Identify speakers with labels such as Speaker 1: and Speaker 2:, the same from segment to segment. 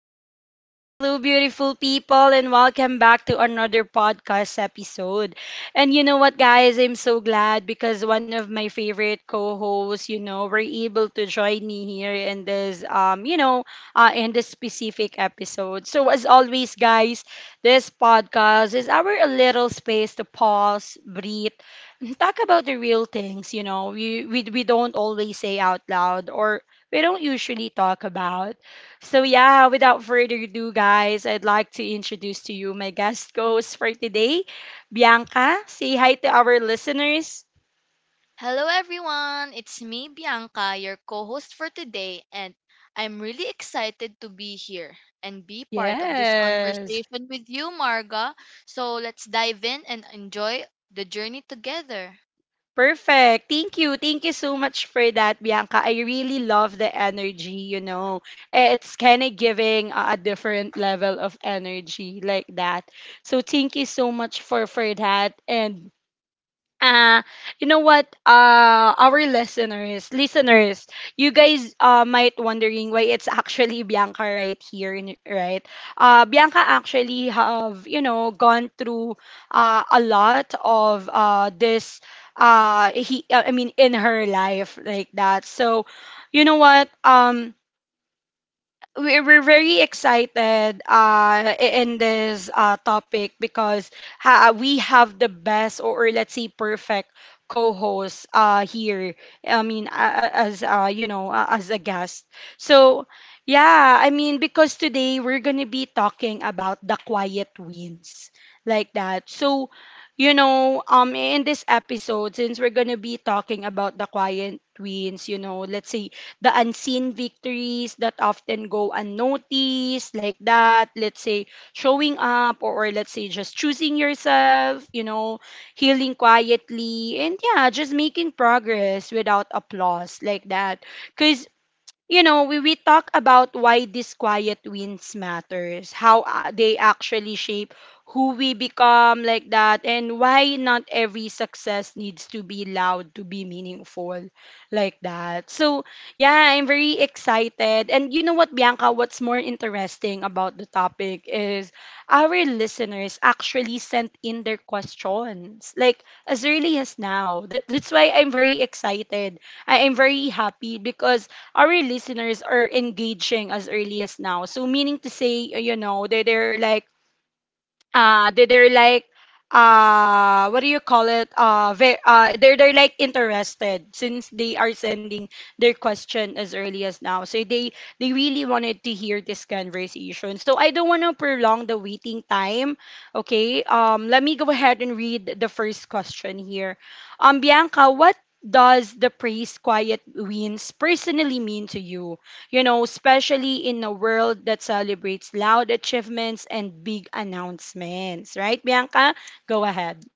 Speaker 1: right. Hello, beautiful people, and welcome back to another podcast episode. And you know what, guys? I'm so glad because one of my favorite co hosts were able to join me here in this specific episode. So, as always, guys, this podcast is our little space to pause, breathe, and talk about the real things, we don't always say out loud or we don't usually talk about. So yeah, without further ado, guys, I'd like to introduce to you my guest host for today, Bianca. Say hi to our listeners.
Speaker 2: Hello, everyone. It's me, Bianca, your co host for today, and I'm really excited to be here and be part of this
Speaker 1: Yes.
Speaker 2: conversation with you, Marga. So let's dive in and enjoy the journey together.
Speaker 1: Perfect. Thank you. Thank you so much for that, Bianca. I really love the energy. It's kind of giving a different level of energy like that. So thank you so much for that. And uh you know what our listeners, you guys might wondering why it's actually Bianca right here right Bianca actually have gone through a lot of this he I mean in her life like that. So you know what, we're very excited in this topic because we have the best or let's say perfect co-host here. I mean, as a guest. So yeah, I mean, because today we're gonna be talking about the quiet wins like that. So, in this episode, since we're gonna be talking about the quiet wins, let's say the unseen victories that often go unnoticed, like that. Let's say showing up, or let's say just choosing yourself, healing quietly, and yeah, just making progress without applause, like that. Because we talk about why these quiet wins matters, how they actually shape who we become like that, and why not every success needs to be loud to be meaningful like that. So, yeah, I'm very excited. And you know what, Bianca, what's more interesting about the topic is our listeners actually sent in their questions, like as early as now. That's why I'm very excited. I am very happy because our listeners are engaging as early as now. So meaning to say, they're like what do you call it? They're like interested since they are sending their question as early as now. So they really wanted to hear this conversation. So I don't want to prolong the waiting time. Okay? Let me go ahead and read the first question here. Bianca, what does the praise quiet wins personally mean to you? Especially in a world that celebrates loud achievements and big announcements. Right, Bianca? Go ahead.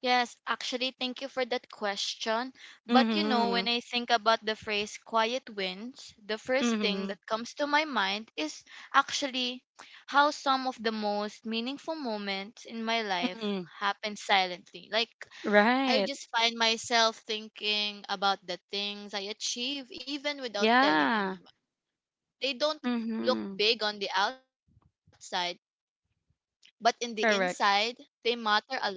Speaker 2: Yes, actually, thank you for that question. But you know,
Speaker 1: Mm-hmm.
Speaker 2: when I think about the phrase quiet wins, the first thing
Speaker 1: Mm-hmm.
Speaker 2: that comes to my mind is actually how some of the most meaningful moments in my life
Speaker 1: Mm-hmm.
Speaker 2: happen silently. Like, I
Speaker 1: Right.
Speaker 2: just find myself thinking about the things I achieve even without telling
Speaker 1: Yeah.
Speaker 2: anyone. They don't look
Speaker 1: Mm-hmm.
Speaker 2: big on the outside, but in the inside, they
Speaker 1: Correct.
Speaker 2: matter a lot to me.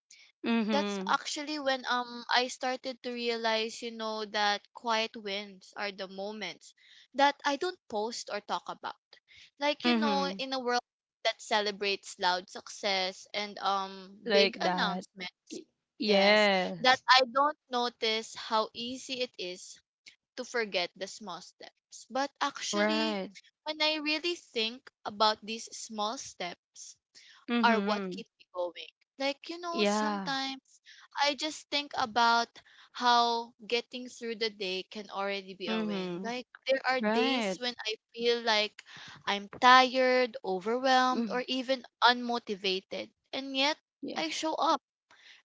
Speaker 2: That's actually
Speaker 1: Mm-hmm.
Speaker 2: when I started to realize, you know, that quiet wins are the moments that I don't post or talk about. Like, you know, in
Speaker 1: Mm-hmm.
Speaker 2: a world that celebrates loud success and big
Speaker 1: Like that.
Speaker 2: announcement,
Speaker 1: Y-
Speaker 2: yes, that
Speaker 1: Yes.
Speaker 2: I don't notice how easy it is to forget the small steps. But actually,
Speaker 1: Right.
Speaker 2: when I really think about these small steps, are what
Speaker 1: Mm-hmm.
Speaker 2: keep me going. Like, you know,
Speaker 1: Yeah.
Speaker 2: sometimes I just think about how getting through the day can already be a win.
Speaker 1: Mm-hmm.
Speaker 2: Like, there are days
Speaker 1: Right.
Speaker 2: when I feel like I'm tired, overwhelmed, or
Speaker 1: Mm.
Speaker 2: even unmotivated. And yet,
Speaker 1: Yeah.
Speaker 2: I show up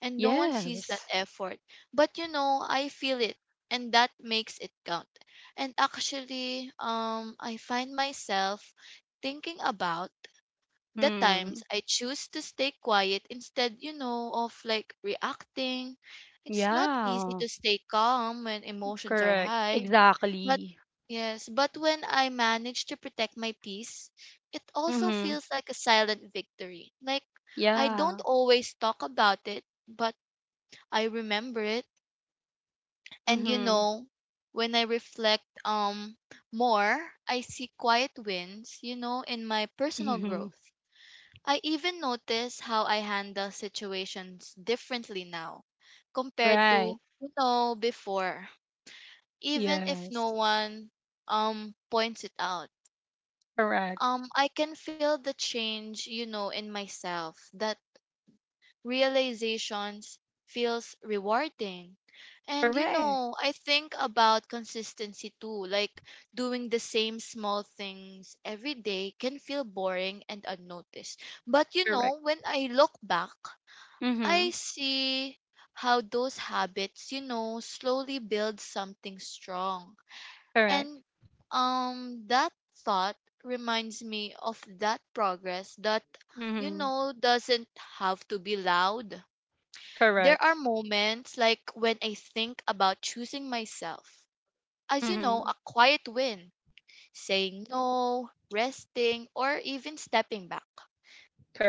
Speaker 2: and no one sees that
Speaker 1: Yes.
Speaker 2: effort. But, you know, I feel it and that makes it count. And actually, I find myself thinking about the times
Speaker 1: Mm.
Speaker 2: I choose to stay quiet instead, you know, of like reacting. It's not easy
Speaker 1: Yeah.
Speaker 2: to stay calm when emotions are
Speaker 1: Correct.
Speaker 2: high, but
Speaker 1: Exactly.
Speaker 2: yes, but when I manage to protect my peace, it also
Speaker 1: Mm-hmm.
Speaker 2: feels like a silent victory. Like I don't
Speaker 1: Yeah.
Speaker 2: always talk about it, but I remember it. And you
Speaker 1: Mm-hmm.
Speaker 2: know, when I reflect more, I see quiet wins, you know, in my personal
Speaker 1: Mm-hmm.
Speaker 2: growth. I even notice how I handle situations differently now compared to,
Speaker 1: Right.
Speaker 2: you know, before. Even if no
Speaker 1: Yes.
Speaker 2: one points it out.
Speaker 1: Correct.
Speaker 2: I can feel the change, you know, in myself. That realizations feels rewarding. And you
Speaker 1: Correct.
Speaker 2: know, I think about consistency too. Like doing the same small things every day can feel boring and unnoticed. But you know,
Speaker 1: Correct.
Speaker 2: when I look back, I
Speaker 1: Mm-hmm.
Speaker 2: see how those habits, you know, slowly build something strong. And
Speaker 1: Correct.
Speaker 2: that thought reminds me of that progress that you
Speaker 1: Mm-hmm.
Speaker 2: know doesn't have to be loud. There
Speaker 1: Correct.
Speaker 2: are moments like when I think about choosing myself. As you know,
Speaker 1: Mm-hmm.
Speaker 2: a quiet win, saying no, resting, or even stepping back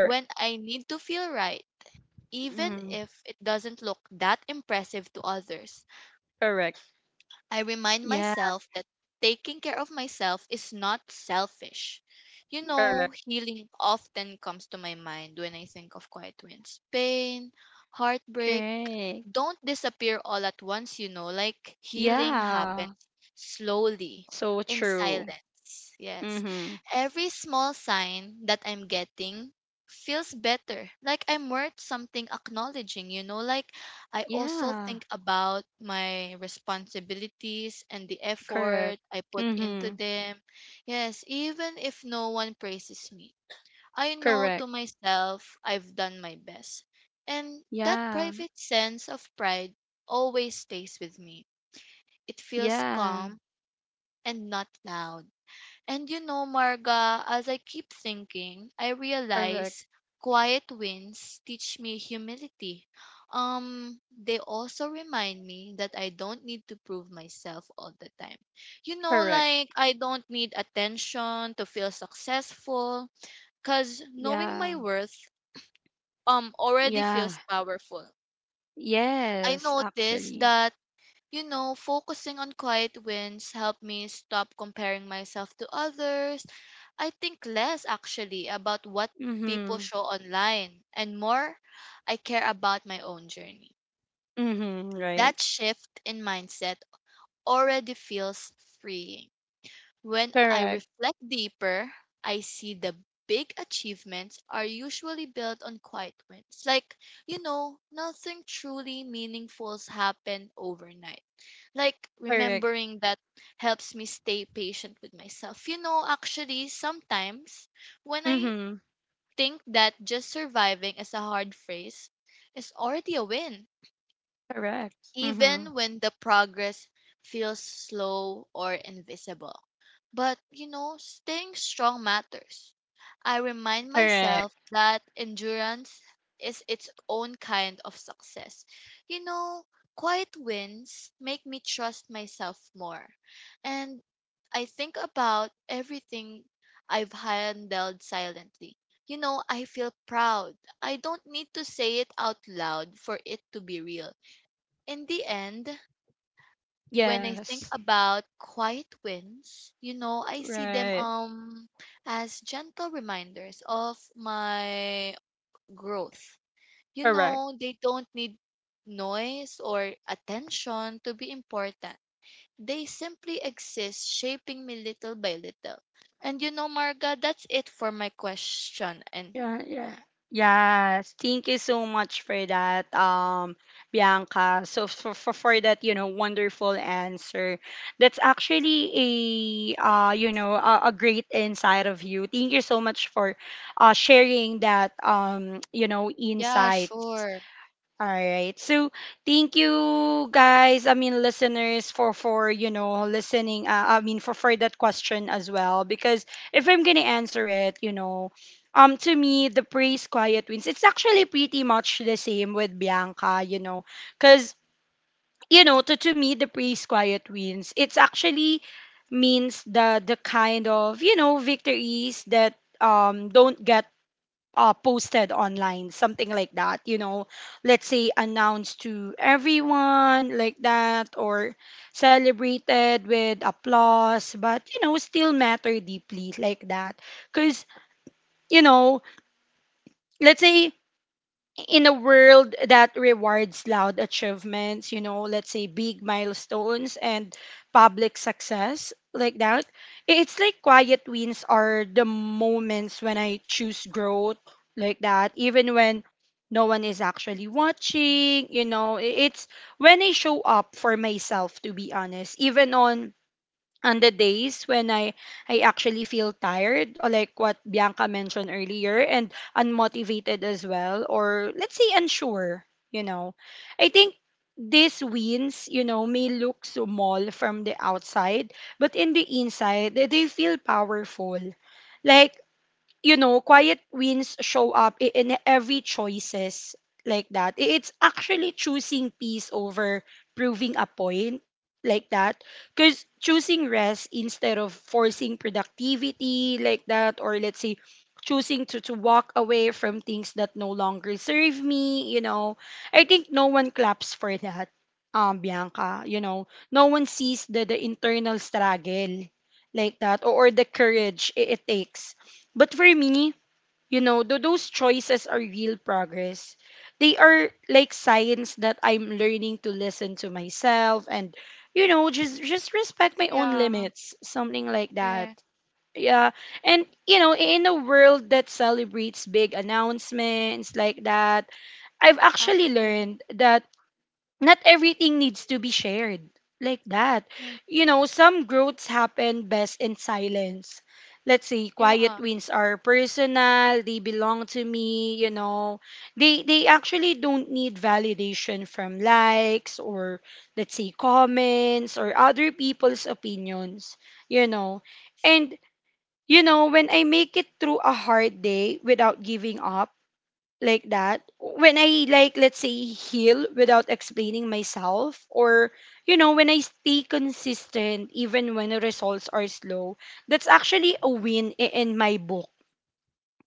Speaker 2: when I need to feel right even
Speaker 1: Mm-hmm.
Speaker 2: if it doesn't look that impressive to others.
Speaker 1: Correct.
Speaker 2: I remind
Speaker 1: Yeah.
Speaker 2: myself that taking care of myself is not selfish. You know,
Speaker 1: Correct.
Speaker 2: healing often comes to my mind when I think of quiet wins, pain, heartbreak,
Speaker 1: Correct.
Speaker 2: don't disappear all at once, you know, like healing happens
Speaker 1: Yeah.
Speaker 2: slowly
Speaker 1: So
Speaker 2: in
Speaker 1: true.
Speaker 2: silence. Yes.
Speaker 1: Mm-hmm.
Speaker 2: Every small sign that I'm getting feels better. Like I'm worth something acknowledging, you know, like I also
Speaker 1: Yeah.
Speaker 2: think about my responsibilities and the
Speaker 1: Correct.
Speaker 2: effort I put into
Speaker 1: Mm-hmm.
Speaker 2: them. Yes, even if no one praises me. I know to
Speaker 1: Correct.
Speaker 2: myself I've done my best. And that
Speaker 1: Yeah.
Speaker 2: private sense of pride always stays with me. It feels
Speaker 1: Yeah.
Speaker 2: calm and not loud. And you know, Marga, as I keep thinking, I
Speaker 1: Correct.
Speaker 2: realize quiet wins teach me humility. They also remind me that I don't need to prove myself all the time. You know,
Speaker 1: Correct.
Speaker 2: like I don't need attention to feel successful because knowing
Speaker 1: Yeah.
Speaker 2: my worth already
Speaker 1: Yeah.
Speaker 2: feels powerful. I
Speaker 1: Yes,
Speaker 2: noticed
Speaker 1: actually.
Speaker 2: that, you know, focusing on quiet wins helped me stop comparing myself to others. I think less actually about what people
Speaker 1: Mm-hmm.
Speaker 2: show online and more I care about my own journey.
Speaker 1: Mm-hmm. Right.
Speaker 2: That shift in mindset already feels freeing. When I
Speaker 1: Correct.
Speaker 2: reflect deeper, I see the big achievements are usually built on quiet wins. Like, you know, nothing truly meaningful's happen overnight. Like
Speaker 1: Correct.
Speaker 2: remembering that helps me stay patient with myself. You know, actually sometimes when I
Speaker 1: Mm-hmm.
Speaker 2: think that just surviving is a hard phrase is already a win
Speaker 1: Correct. Mm-hmm.
Speaker 2: even when the progress feels slow or invisible. But, you know, staying strong matters. I remind myself
Speaker 1: Correct.
Speaker 2: that endurance is its own kind of success. You know, quiet wins make me trust myself more. And I think about everything I've handled silently. You know, I feel proud. I don't need to say it out loud for it to be real in the end, when I think
Speaker 1: Yes.
Speaker 2: about quiet wins, you know, I see them
Speaker 1: Right.
Speaker 2: as gentle reminders of my growth. You
Speaker 1: Correct.
Speaker 2: know, they don't need noise or attention to be important. They simply exist, shaping me little by little. And you know, Marga, that's it for my question. And
Speaker 1: Yeah, yeah. Yes, thank you so much for that, Bianca. So for that, wonderful answer. That's actually a great insight of you. Thank you so much for sharing that,
Speaker 2: yeah,
Speaker 1: insights.
Speaker 2: sure.
Speaker 1: All right. So thank you guys, I mean listeners for listening, I mean for that question as well, because if I'm going to answer it, To me, the praise quiet wins, it's actually pretty much the same with Bianca, cuz to me the praise quiet wins, it's actually means the kind of victories that don't get posted online, something like that. Let's say announced to everyone like that, or celebrated with applause, but still matter deeply like that. Because, you know, let's say in a world that rewards loud achievements, let's say big milestones and public success like that, it's like quiet wins are the moments when I choose growth like that, even when no one is actually watching. It's when I show up for myself, to be honest, even on the days when I actually feel tired or like what Bianca mentioned earlier, and unmotivated as well, or let's say unsure, you know. I think these wins, may look small from the outside, but in the inside, they feel powerful. Like quiet wins show up in every choices like that. It's actually choosing peace over proving a point like that. Because choosing rest instead of forcing productivity like that, or let's say choosing to walk away from things that no longer serve me, I think no one claps for that. Bianca, no one sees the internal struggle like that, or the courage it takes, but for me, those choices are real progress. They are like signs that I'm learning to listen to myself and just respect my own
Speaker 2: Yeah,
Speaker 1: limits, something like that.
Speaker 2: yeah,
Speaker 1: Yeah, and in a world that celebrates big announcements like that, I've actually
Speaker 2: actually,
Speaker 1: learned that not everything needs to be shared like that.
Speaker 2: yeah,
Speaker 1: Some growths happen best in silence. Let's say
Speaker 2: yeah,
Speaker 1: quiet wins are personal, they belong to me. They actually don't need validation from likes, or let's say comments, or other people's opinions, you know.
Speaker 2: yes,
Speaker 1: And when I make it through a hard day without giving up, like that, when I, like, let's say, heal without explaining myself, or when I stay consistent even when the results are slow, that's actually a win in my book,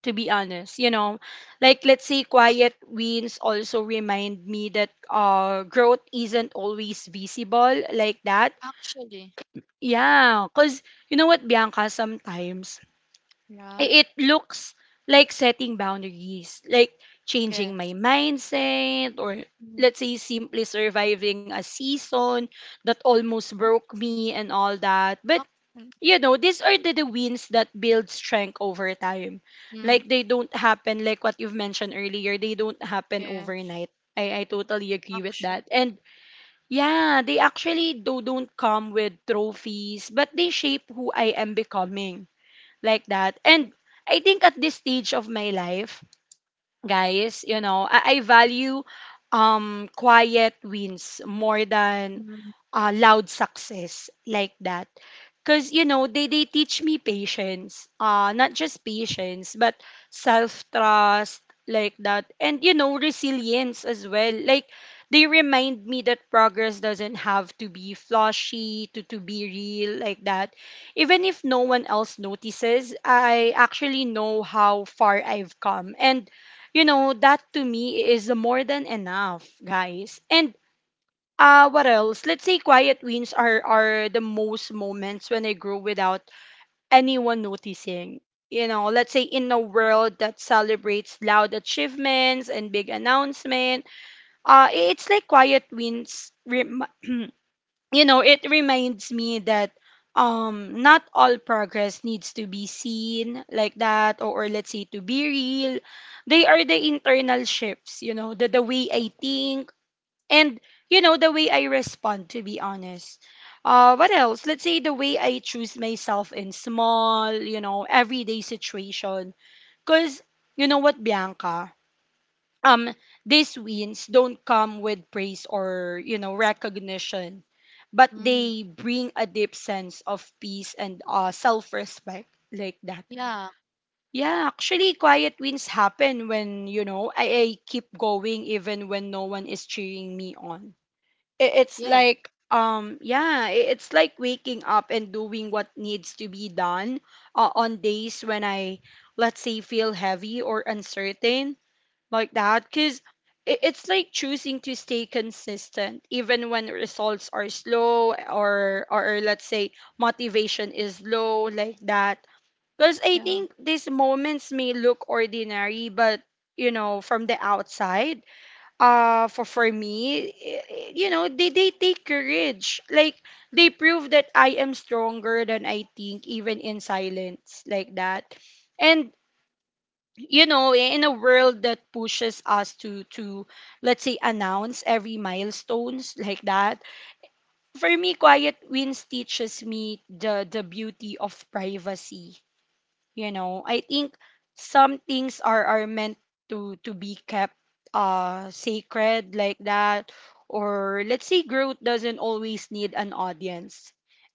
Speaker 1: to be honest. Like, let's say quiet wins also remind me that growth isn't always visible like that.
Speaker 2: actually.
Speaker 1: Yeah, cuz you know what, Bianca, sometimes
Speaker 2: Yeah,
Speaker 1: it looks like setting boundaries, like changing my
Speaker 2: yes.
Speaker 1: mindset, or
Speaker 2: Mm.
Speaker 1: let's say simply surviving a season that almost
Speaker 2: And
Speaker 1: broke me and all that. But
Speaker 2: action.
Speaker 1: you know, these are the wins that build strength over time.
Speaker 2: Mm,
Speaker 1: Like, they don't happen, like what you've mentioned earlier, they don't happen
Speaker 2: yes,
Speaker 1: overnight. I totally agree with
Speaker 2: action.
Speaker 1: that. And yeah, they actually don't come with trophies, but they shape who I am becoming like that. And I think at this stage of my life, guys, I value quiet wins more than
Speaker 2: Mm,
Speaker 1: loud success like that. Because they teach me patience. Not just patience, but self trust, like that. And resilience as well. Like, they remind me that progress doesn't have to be flashy, to be real, like that. Even if no one else notices, I actually know how far I've come. And that to me is more than enough, guys. And what else? Let's say quiet wins are the most moments when I grow without anyone noticing. Let's say in a world that celebrates loud achievements and big announcement, it's like quiet wins. It reminds me that not all progress needs to be seen like that, or let's say to be real. They are the internal shifts, the way I think, and the way I respond, to be honest, what else, let's say the way I choose myself in small, everyday situation. Because you know what, Bianca um these wins don't come with praise or recognition, but
Speaker 2: mm.
Speaker 1: they bring a deep sense of peace and self-respect like that.
Speaker 2: Yeah,
Speaker 1: Yeah, actually quiet wins happen when I keep going even when no one is cheering me on. i- it's
Speaker 2: yes,
Speaker 1: like um yeah i- it's like waking up and doing what needs to be done on days when I, let's say, feel heavy or uncertain like that. Because it's
Speaker 2: yes.
Speaker 1: like choosing to stay consistent even when results are slow, or let's say motivation is low like that. Because I
Speaker 2: Yeah,
Speaker 1: think these moments may look ordinary, but from the outside, for me, they take courage. Like, they prove that I am stronger than I think, even in silence like that. And in a world that pushes us to let's say announce every milestones like that, for me quiet wins teaches me the beauty of privacy. I think some things are meant to be kept sacred like that or Let's say growth doesn't always need an audience.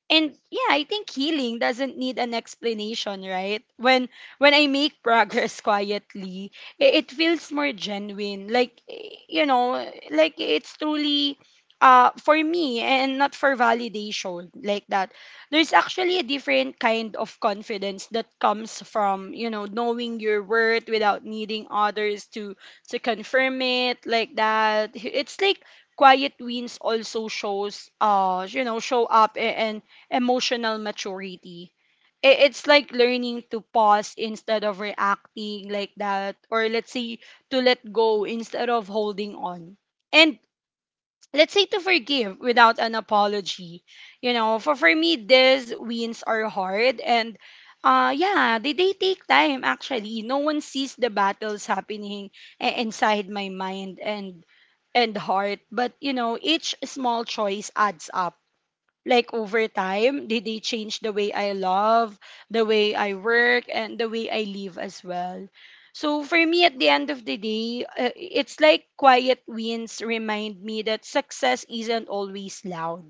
Speaker 1: And yeah, I think healing doesn't need an explanation, right? When I make progress quietly, it feels more genuine, like like it's truly for me and not for validation, like that. There's actually a different kind of confidence that comes from, you know, knowing your worth without needing others to confirm it, like that. It's like quiet wins also shows show up and emotional maturity. It's like learning to pause instead of reacting, like that, or let's say to let go instead of holding on. And let's say to forgive without an apology. You know, for me, these wins are hard, and yeah, they take time actually. No one sees the battles happening inside my mind and heart, but you know, each small choice adds up, like over time did they change the way I love, the way I work, and the way I live as well. So for me, at the end of the day, it's like quiet wins remind me that success isn't always loud,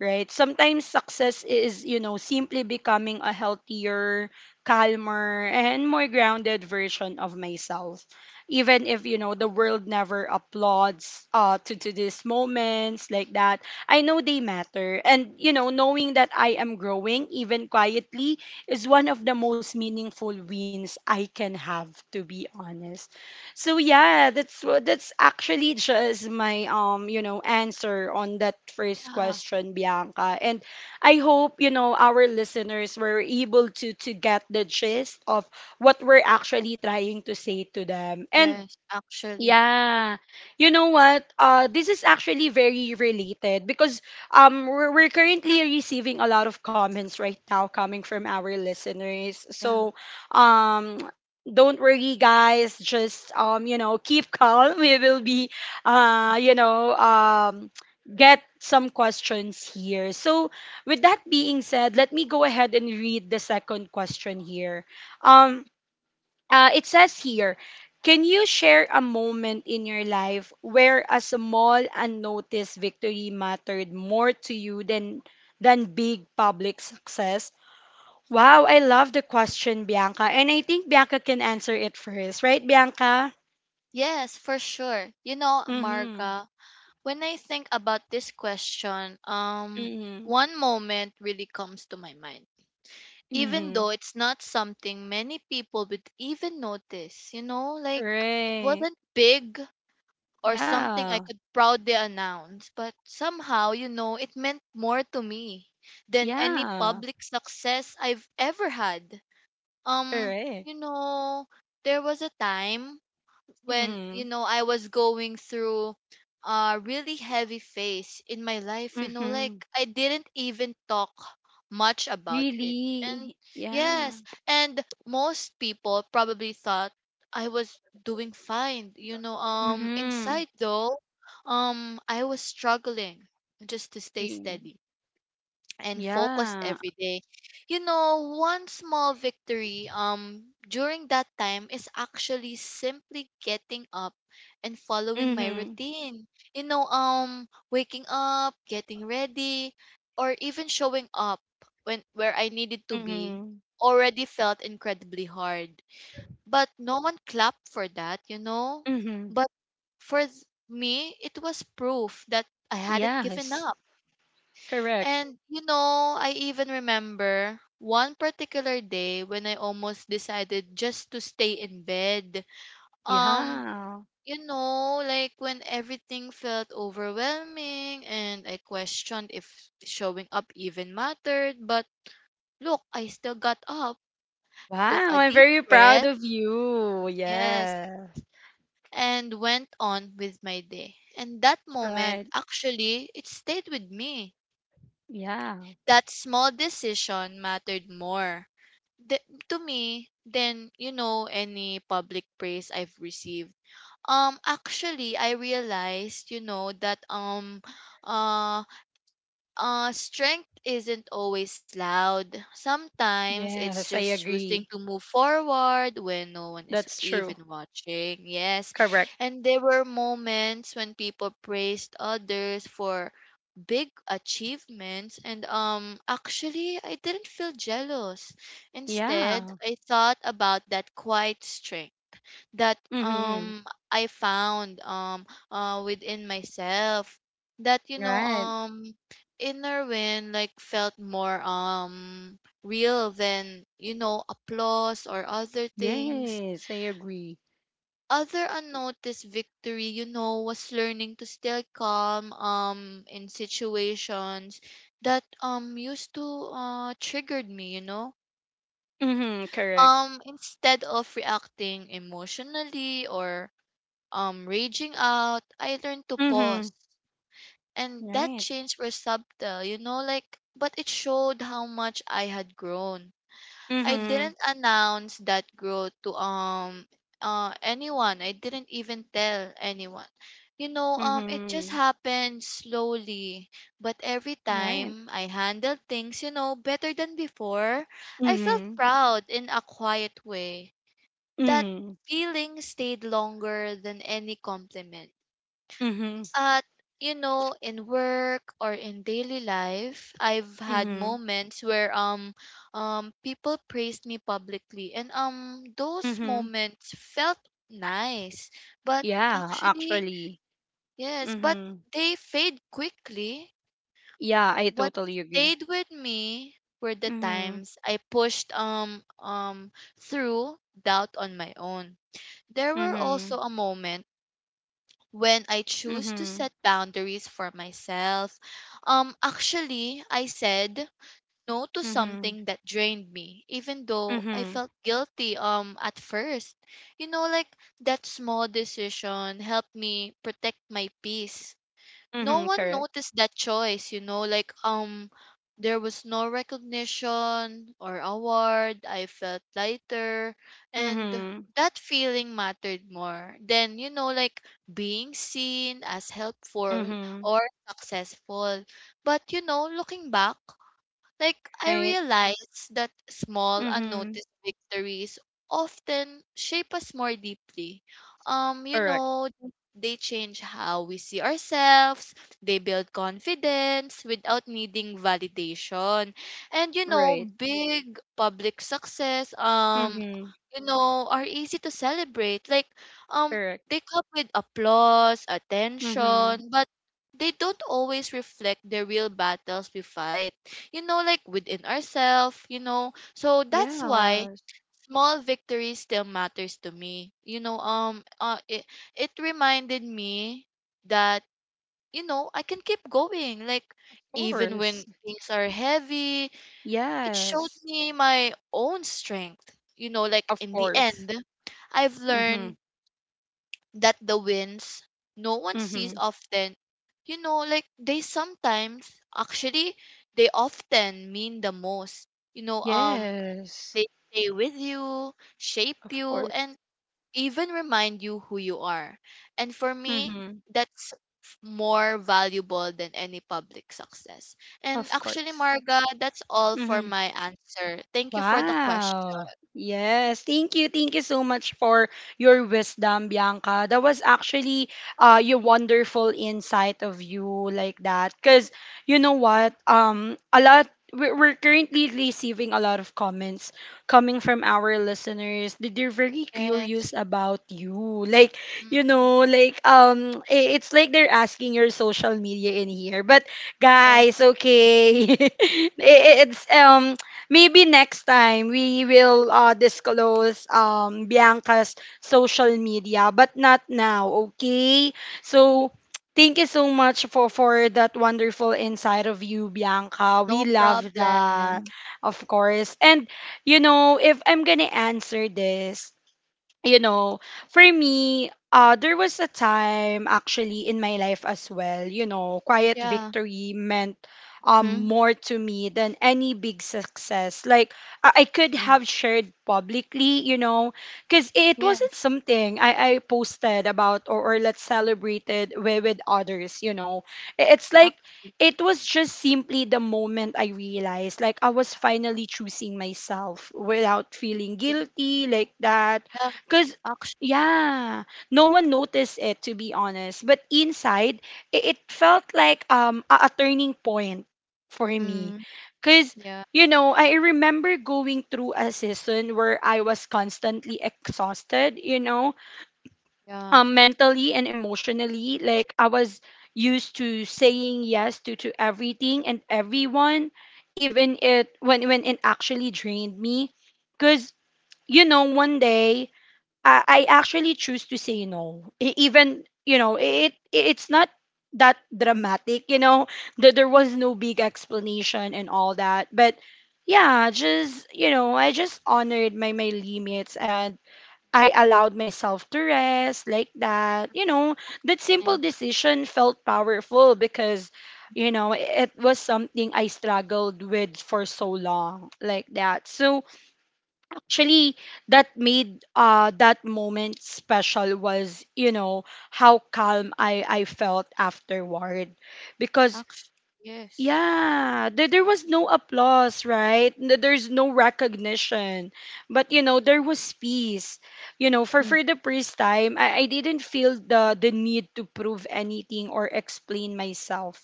Speaker 1: right? Sometimes success is, you know, simply becoming a healthier, calmer, and more grounded version of myself. Even if, you know, the world never applauds to these moments, like that, I know they matter. And, you know, knowing that I am growing, even quietly, is one of the most meaningful wins I can have, to be honest. So yeah, that's what that's actually just my answer on that first
Speaker 2: yeah,
Speaker 1: question, Bianca. And I hope, you know, our listeners were able to get the gist of what we're actually trying to say to them. And
Speaker 2: yes, actually.
Speaker 1: yeah. You know what? This is actually very related because we're currently receiving a lot of comments right now coming from our listeners.
Speaker 2: Yeah.
Speaker 1: So, um don't worry guys, just you know, keep calm. We will be you know, get some questions here. So, with that being said, let me go ahead and read the second question here. Um it says here, can you share a moment in your life where a small unnoticed victory mattered more to you than big public success? Wow, I love the question, Bianca. And I think Bianca can answer it first, right, Bianca?
Speaker 2: Yes, for sure. You know,
Speaker 1: Mm-hmm.
Speaker 2: Marga, when I think about this question,
Speaker 1: Mm-hmm.
Speaker 2: one moment really comes to my mind. Even
Speaker 1: Mm-hmm.
Speaker 2: though it's not something many people would even notice, you know, like it
Speaker 1: Right.
Speaker 2: wasn't big or something I
Speaker 1: Yeah.
Speaker 2: could proudly announce, but somehow, you know, it meant more to me than any
Speaker 1: Yeah.
Speaker 2: public success I've ever had. Um,
Speaker 1: Correct.
Speaker 2: you know, there was a time when you
Speaker 1: Mm-hmm.
Speaker 2: know I was going through a really heavy phase in my life, you know,
Speaker 1: Mm-hmm.
Speaker 2: like I didn't even talk much about it. And
Speaker 1: Really? Yeah.
Speaker 2: yes, and most people probably thought I was doing fine, you know,
Speaker 1: Mm-hmm.
Speaker 2: inside though, I was struggling just to stay steady and focused
Speaker 1: Yeah.
Speaker 2: every day. You know, one small victory during that time is actually simply getting up and following my
Speaker 1: Mhm.
Speaker 2: routine. You know, waking up, getting ready, or even showing up when where I needed to be
Speaker 1: Mhm.
Speaker 2: already felt incredibly hard. But no one clapped for that, you know?
Speaker 1: Mhm.
Speaker 2: But for th- me, it was proof that I hadn't given
Speaker 1: Yes.
Speaker 2: up
Speaker 1: Correct.
Speaker 2: and you know, I even remember one particular day when I almost decided just to stay in bed. Um,
Speaker 1: Yeah.
Speaker 2: you know, like when everything felt overwhelming and I questioned if showing up even mattered, but look, I still got up, took
Speaker 1: Wow,
Speaker 2: a
Speaker 1: I'm
Speaker 2: deep
Speaker 1: very proud
Speaker 2: breath,
Speaker 1: of you.
Speaker 2: yes,
Speaker 1: Yes.
Speaker 2: and went on with my day. And that
Speaker 1: Right.
Speaker 2: moment, actually, it stayed with me.
Speaker 1: Yeah.
Speaker 2: That small decision mattered more the, to me than you know any public praise I've received. Actually I realized you know that uh strength isn't always loud. Sometimes it's
Speaker 1: Yes, I
Speaker 2: just choosing
Speaker 1: agree.
Speaker 2: to move forward when no one is
Speaker 1: That's
Speaker 2: even
Speaker 1: true.
Speaker 2: watching. Yes.
Speaker 1: Correct.
Speaker 2: And there were moments when people praised others for big achievements and actually I didn't feel jealous. Instead,
Speaker 1: Yeah.
Speaker 2: I thought about that quiet strength that
Speaker 1: Mhm.
Speaker 2: I found within myself that you know
Speaker 1: Right.
Speaker 2: inner win like felt more real than you know applause or other things
Speaker 1: Yes, I agree.
Speaker 2: other unnoticed victory, you know, was learning to stay calm in situations that used to triggered me, you know.
Speaker 1: Mhm. Correct.
Speaker 2: Instead of reacting emotionally or raging out, I learned to
Speaker 1: Mhm.
Speaker 2: pause. And that
Speaker 1: Right.
Speaker 2: change was subtle, you know, like but it showed how much I had grown. I
Speaker 1: Mhm.
Speaker 2: didn't announce that growth to anyone. I didn't even tell anyone. You know, it just
Speaker 1: Mhm.
Speaker 2: happened slowly, but every
Speaker 1: Right.
Speaker 2: time I handled things, you know, better than before, I felt
Speaker 1: Mhm.
Speaker 2: proud in a quiet way. That
Speaker 1: Mhm.
Speaker 2: feeling stayed longer than any compliment
Speaker 1: Mhm.
Speaker 2: at you know, in work or in daily life, I've had
Speaker 1: Mhm.
Speaker 2: moments where people praised me publicly and those
Speaker 1: Mhm.
Speaker 2: moments felt nice. But
Speaker 1: Yeah,
Speaker 2: actually,
Speaker 1: actually.
Speaker 2: yes, but
Speaker 1: Mhm.
Speaker 2: they fade quickly.
Speaker 1: Yeah, I
Speaker 2: What
Speaker 1: totally agree.
Speaker 2: stayed with me were the
Speaker 1: Mhm.
Speaker 2: times I pushed through doubt on my own. There were
Speaker 1: Mhm.
Speaker 2: also a moment when I choose to
Speaker 1: Mhm.
Speaker 2: set boundaries for myself. Actually, I said no to
Speaker 1: Mhm.
Speaker 2: something that drained me, even though I
Speaker 1: Mhm.
Speaker 2: felt guilty at first. You know, like that small decision helped me protect my peace. No
Speaker 1: Mhm.
Speaker 2: one
Speaker 1: Correct.
Speaker 2: noticed that choice, you know, like there was no recognition or award. I felt lighter and
Speaker 1: Mhm.
Speaker 2: that feeling mattered more than, you know, like being seen as helpful
Speaker 1: Mhm.
Speaker 2: or successful. But you know, looking back, like, I
Speaker 1: Right.
Speaker 2: realize that small,
Speaker 1: Mhm.
Speaker 2: unnoticed victories often shape us more deeply. You
Speaker 1: Correct.
Speaker 2: know, they change how we see ourselves, they build confidence without needing validation. And you know,
Speaker 1: Right.
Speaker 2: big public success,
Speaker 1: Mhm.
Speaker 2: you know, are easy to celebrate. Like, um,
Speaker 1: Correct.
Speaker 2: they come with applause,
Speaker 1: Mhm.
Speaker 2: attention, but they don't always reflect the real battles we fight you know, like within ourselves, you know. So that's why
Speaker 1: Yes.
Speaker 2: small victories still matters to me. You know, it reminded me that you know, I can keep going like
Speaker 1: Of
Speaker 2: even when
Speaker 1: course.
Speaker 2: things are heavy. It showed
Speaker 1: Yes.
Speaker 2: me my own strength. You know, like
Speaker 1: Of
Speaker 2: in the
Speaker 1: course.
Speaker 2: end, I've
Speaker 1: Mhm.
Speaker 2: learned that the wins no one sees
Speaker 1: Mhm.
Speaker 2: often, you know, like they sometimes actually they often mean the most, you know,
Speaker 1: Yes.
Speaker 2: they stay with you, shape
Speaker 1: Of
Speaker 2: you
Speaker 1: course.
Speaker 2: and even remind you who you are. And for me
Speaker 1: Mhm.
Speaker 2: that's more valuable than any public success. And
Speaker 1: Of
Speaker 2: actually,
Speaker 1: course.
Speaker 2: Marga, that's all for
Speaker 1: Mhm.
Speaker 2: my answer. Thank you for the question.
Speaker 1: Wow. Yes. Thank you. Thank you so much for your wisdom, Bianca. That was actually your wonderful insight of you, like that. Cause you know what? A lot we're currently receiving a lot of comments coming from our listeners. They're very
Speaker 2: Yes.
Speaker 1: curious about you. Like, you
Speaker 2: Mm,
Speaker 1: know, like it's like they're asking your social media in here. But guys,
Speaker 2: yes.
Speaker 1: okay. It's maybe next time we will disclose Bianca's social media, but not now, okay? So thank you so much for that wonderful insight of you, Bianca.
Speaker 2: No
Speaker 1: We love that,
Speaker 2: problem.
Speaker 1: of course. And, you know, if I'm gonna answer this, you know, for me, there was a time actually in my life as well, you know, quiet
Speaker 2: Yeah.
Speaker 1: victory meant
Speaker 2: Mhm.
Speaker 1: more to me than any big success. Like, I could
Speaker 2: Mm,
Speaker 1: have shared publicly, you know, because it
Speaker 2: yeah,
Speaker 1: wasn't something I posted about, or let's celebrate it with others, you know. It's like,
Speaker 2: action.
Speaker 1: it was just simply the moment I realized, like, I was finally choosing myself without feeling
Speaker 2: Really,
Speaker 1: guilty, like that.
Speaker 2: yeah,
Speaker 1: Cause
Speaker 2: action.
Speaker 1: yeah, no one noticed it, to be honest. But inside, it felt like a turning point for me.
Speaker 2: Mm,
Speaker 1: Cause
Speaker 2: yeah,
Speaker 1: you know, I remember going through a season where I was constantly exhausted, you know,
Speaker 2: yeah.
Speaker 1: mentally and emotionally. Like I was used to saying yes to everything and everyone, even it when it actually drained me. Cause, you know, one day I actually choose to say no. Even you know, it's not that dramatic. You know, that there was no big explanation and all that. But yeah, just you know, I just honored my my limits and I allowed myself to rest, like that. You know, that simple
Speaker 2: Action.
Speaker 1: decision felt powerful because you know it was something I struggled with for so long, like that. So actually that made that moment special was, you know, how calm I felt afterward, because
Speaker 2: Action. Yes.
Speaker 1: yeah, there was no applause, right? There's no recognition. But you know, there was peace. You know,
Speaker 2: Mm.
Speaker 1: for the first time, I didn't feel the need to prove anything or explain myself.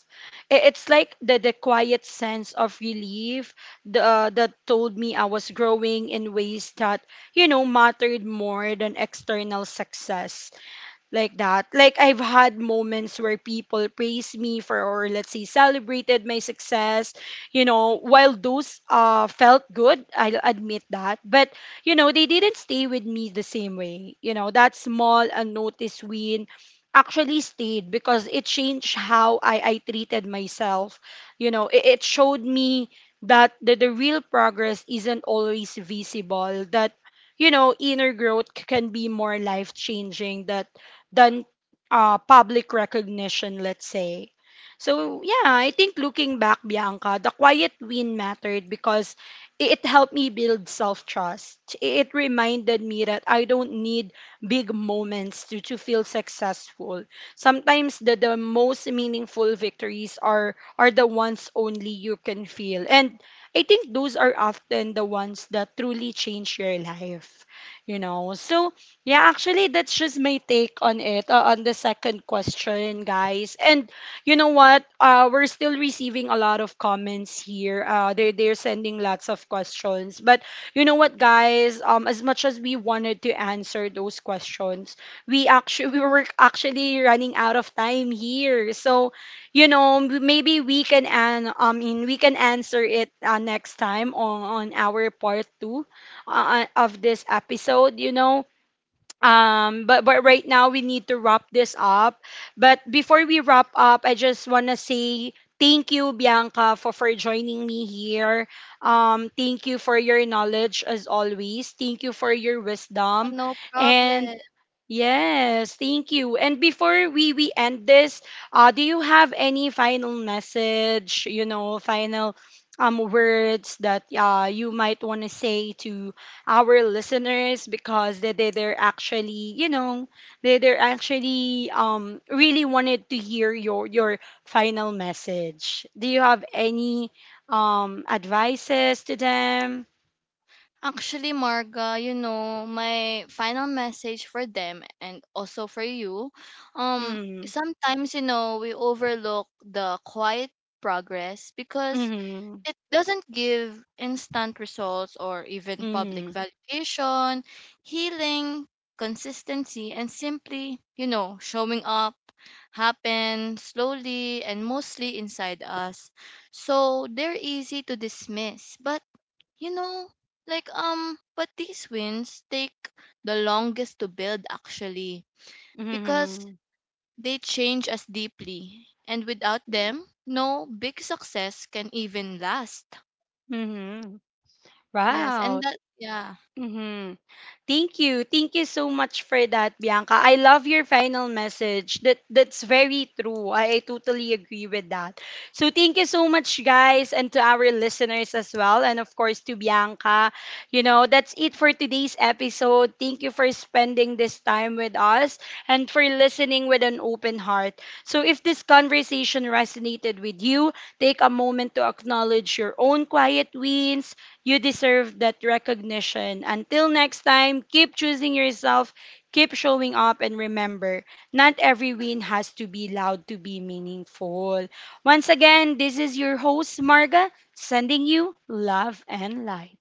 Speaker 1: It's like the quiet sense of relief the, that told me I was growing in ways that, you know, mattered more than external success, like that. Like I've had moments where people praise me for, or let's say celebrated my success, you know, while those felt good, I'll admit that. But you know, they didn't stay with me the same way. You know, that small unnoticed win actually stayed because it changed how I treated myself. You know, it showed me that the real progress isn't always visible, that you know, inner growth can be more life changing that than public recognition, let's say. So, yeah, I think looking back, Bianca, the quiet win mattered because it helped me build self trust. It reminded me that I don't need big moments to feel successful. Sometimes the most meaningful victories are the ones only you can feel. And I think those are often the ones that truly change your life, you know. So, yeah, actually, that's just my take on it, on the second question, guys. And you know what? We're still receiving a lot of comments here. They're sending lots of questions. But you know what, guys? As much as we wanted to answer those questions, we actually we were actually running out of time here. So, you know, m- maybe we can an I mean, we can answer it next time on our part two of this episode, you know. But but right now we need to wrap this up, but before we wrap up I just want to say thank you Bianca for joining me here. Thank you for your knowledge as always, thank you for your
Speaker 2: Ah,
Speaker 1: wisdom,
Speaker 2: no
Speaker 1: and
Speaker 2: problem.
Speaker 1: yes, thank you. And before we end this, do you have any final message, you know, final words that you might want to say to our listeners, because they're actually, you know, they're actually really wanted to hear your final message. Do you have any advices to them?
Speaker 2: Actually, Marga, you know, my final message for them and also for you, um,
Speaker 1: Mm-hmm.
Speaker 2: sometimes, you know, we overlook the quiet progress because
Speaker 1: Hmm.
Speaker 2: it doesn't give instant results or even public
Speaker 1: Hmm.
Speaker 2: validation, healing, consistency, and simply, you know, showing up happen slowly and mostly inside us. So they're easy to dismiss. But, you know, like, but these wins take the longest to build actually because they change us deeply. And without them, no big success can even last.
Speaker 1: Hmm.
Speaker 2: Yes, and
Speaker 1: Wow.
Speaker 2: that yeah.
Speaker 1: Mm-hmm. Thank you. Thank you so much for that, Bianca. I love your final message. That that's very true. I totally agree with that. So thank you so much, guys, and to our listeners as well, and of course to Bianca. You know, that's it for today's episode. Thank you for spending this time with us and for listening with an open heart. So if this conversation resonated with you, take a moment to acknowledge your own quiet wins. You deserve that recognition. Until next time, keep choosing yourself, keep showing up, and remember, not every win has to be loud to be meaningful. Once again, this is your host, Marga, sending you love and light.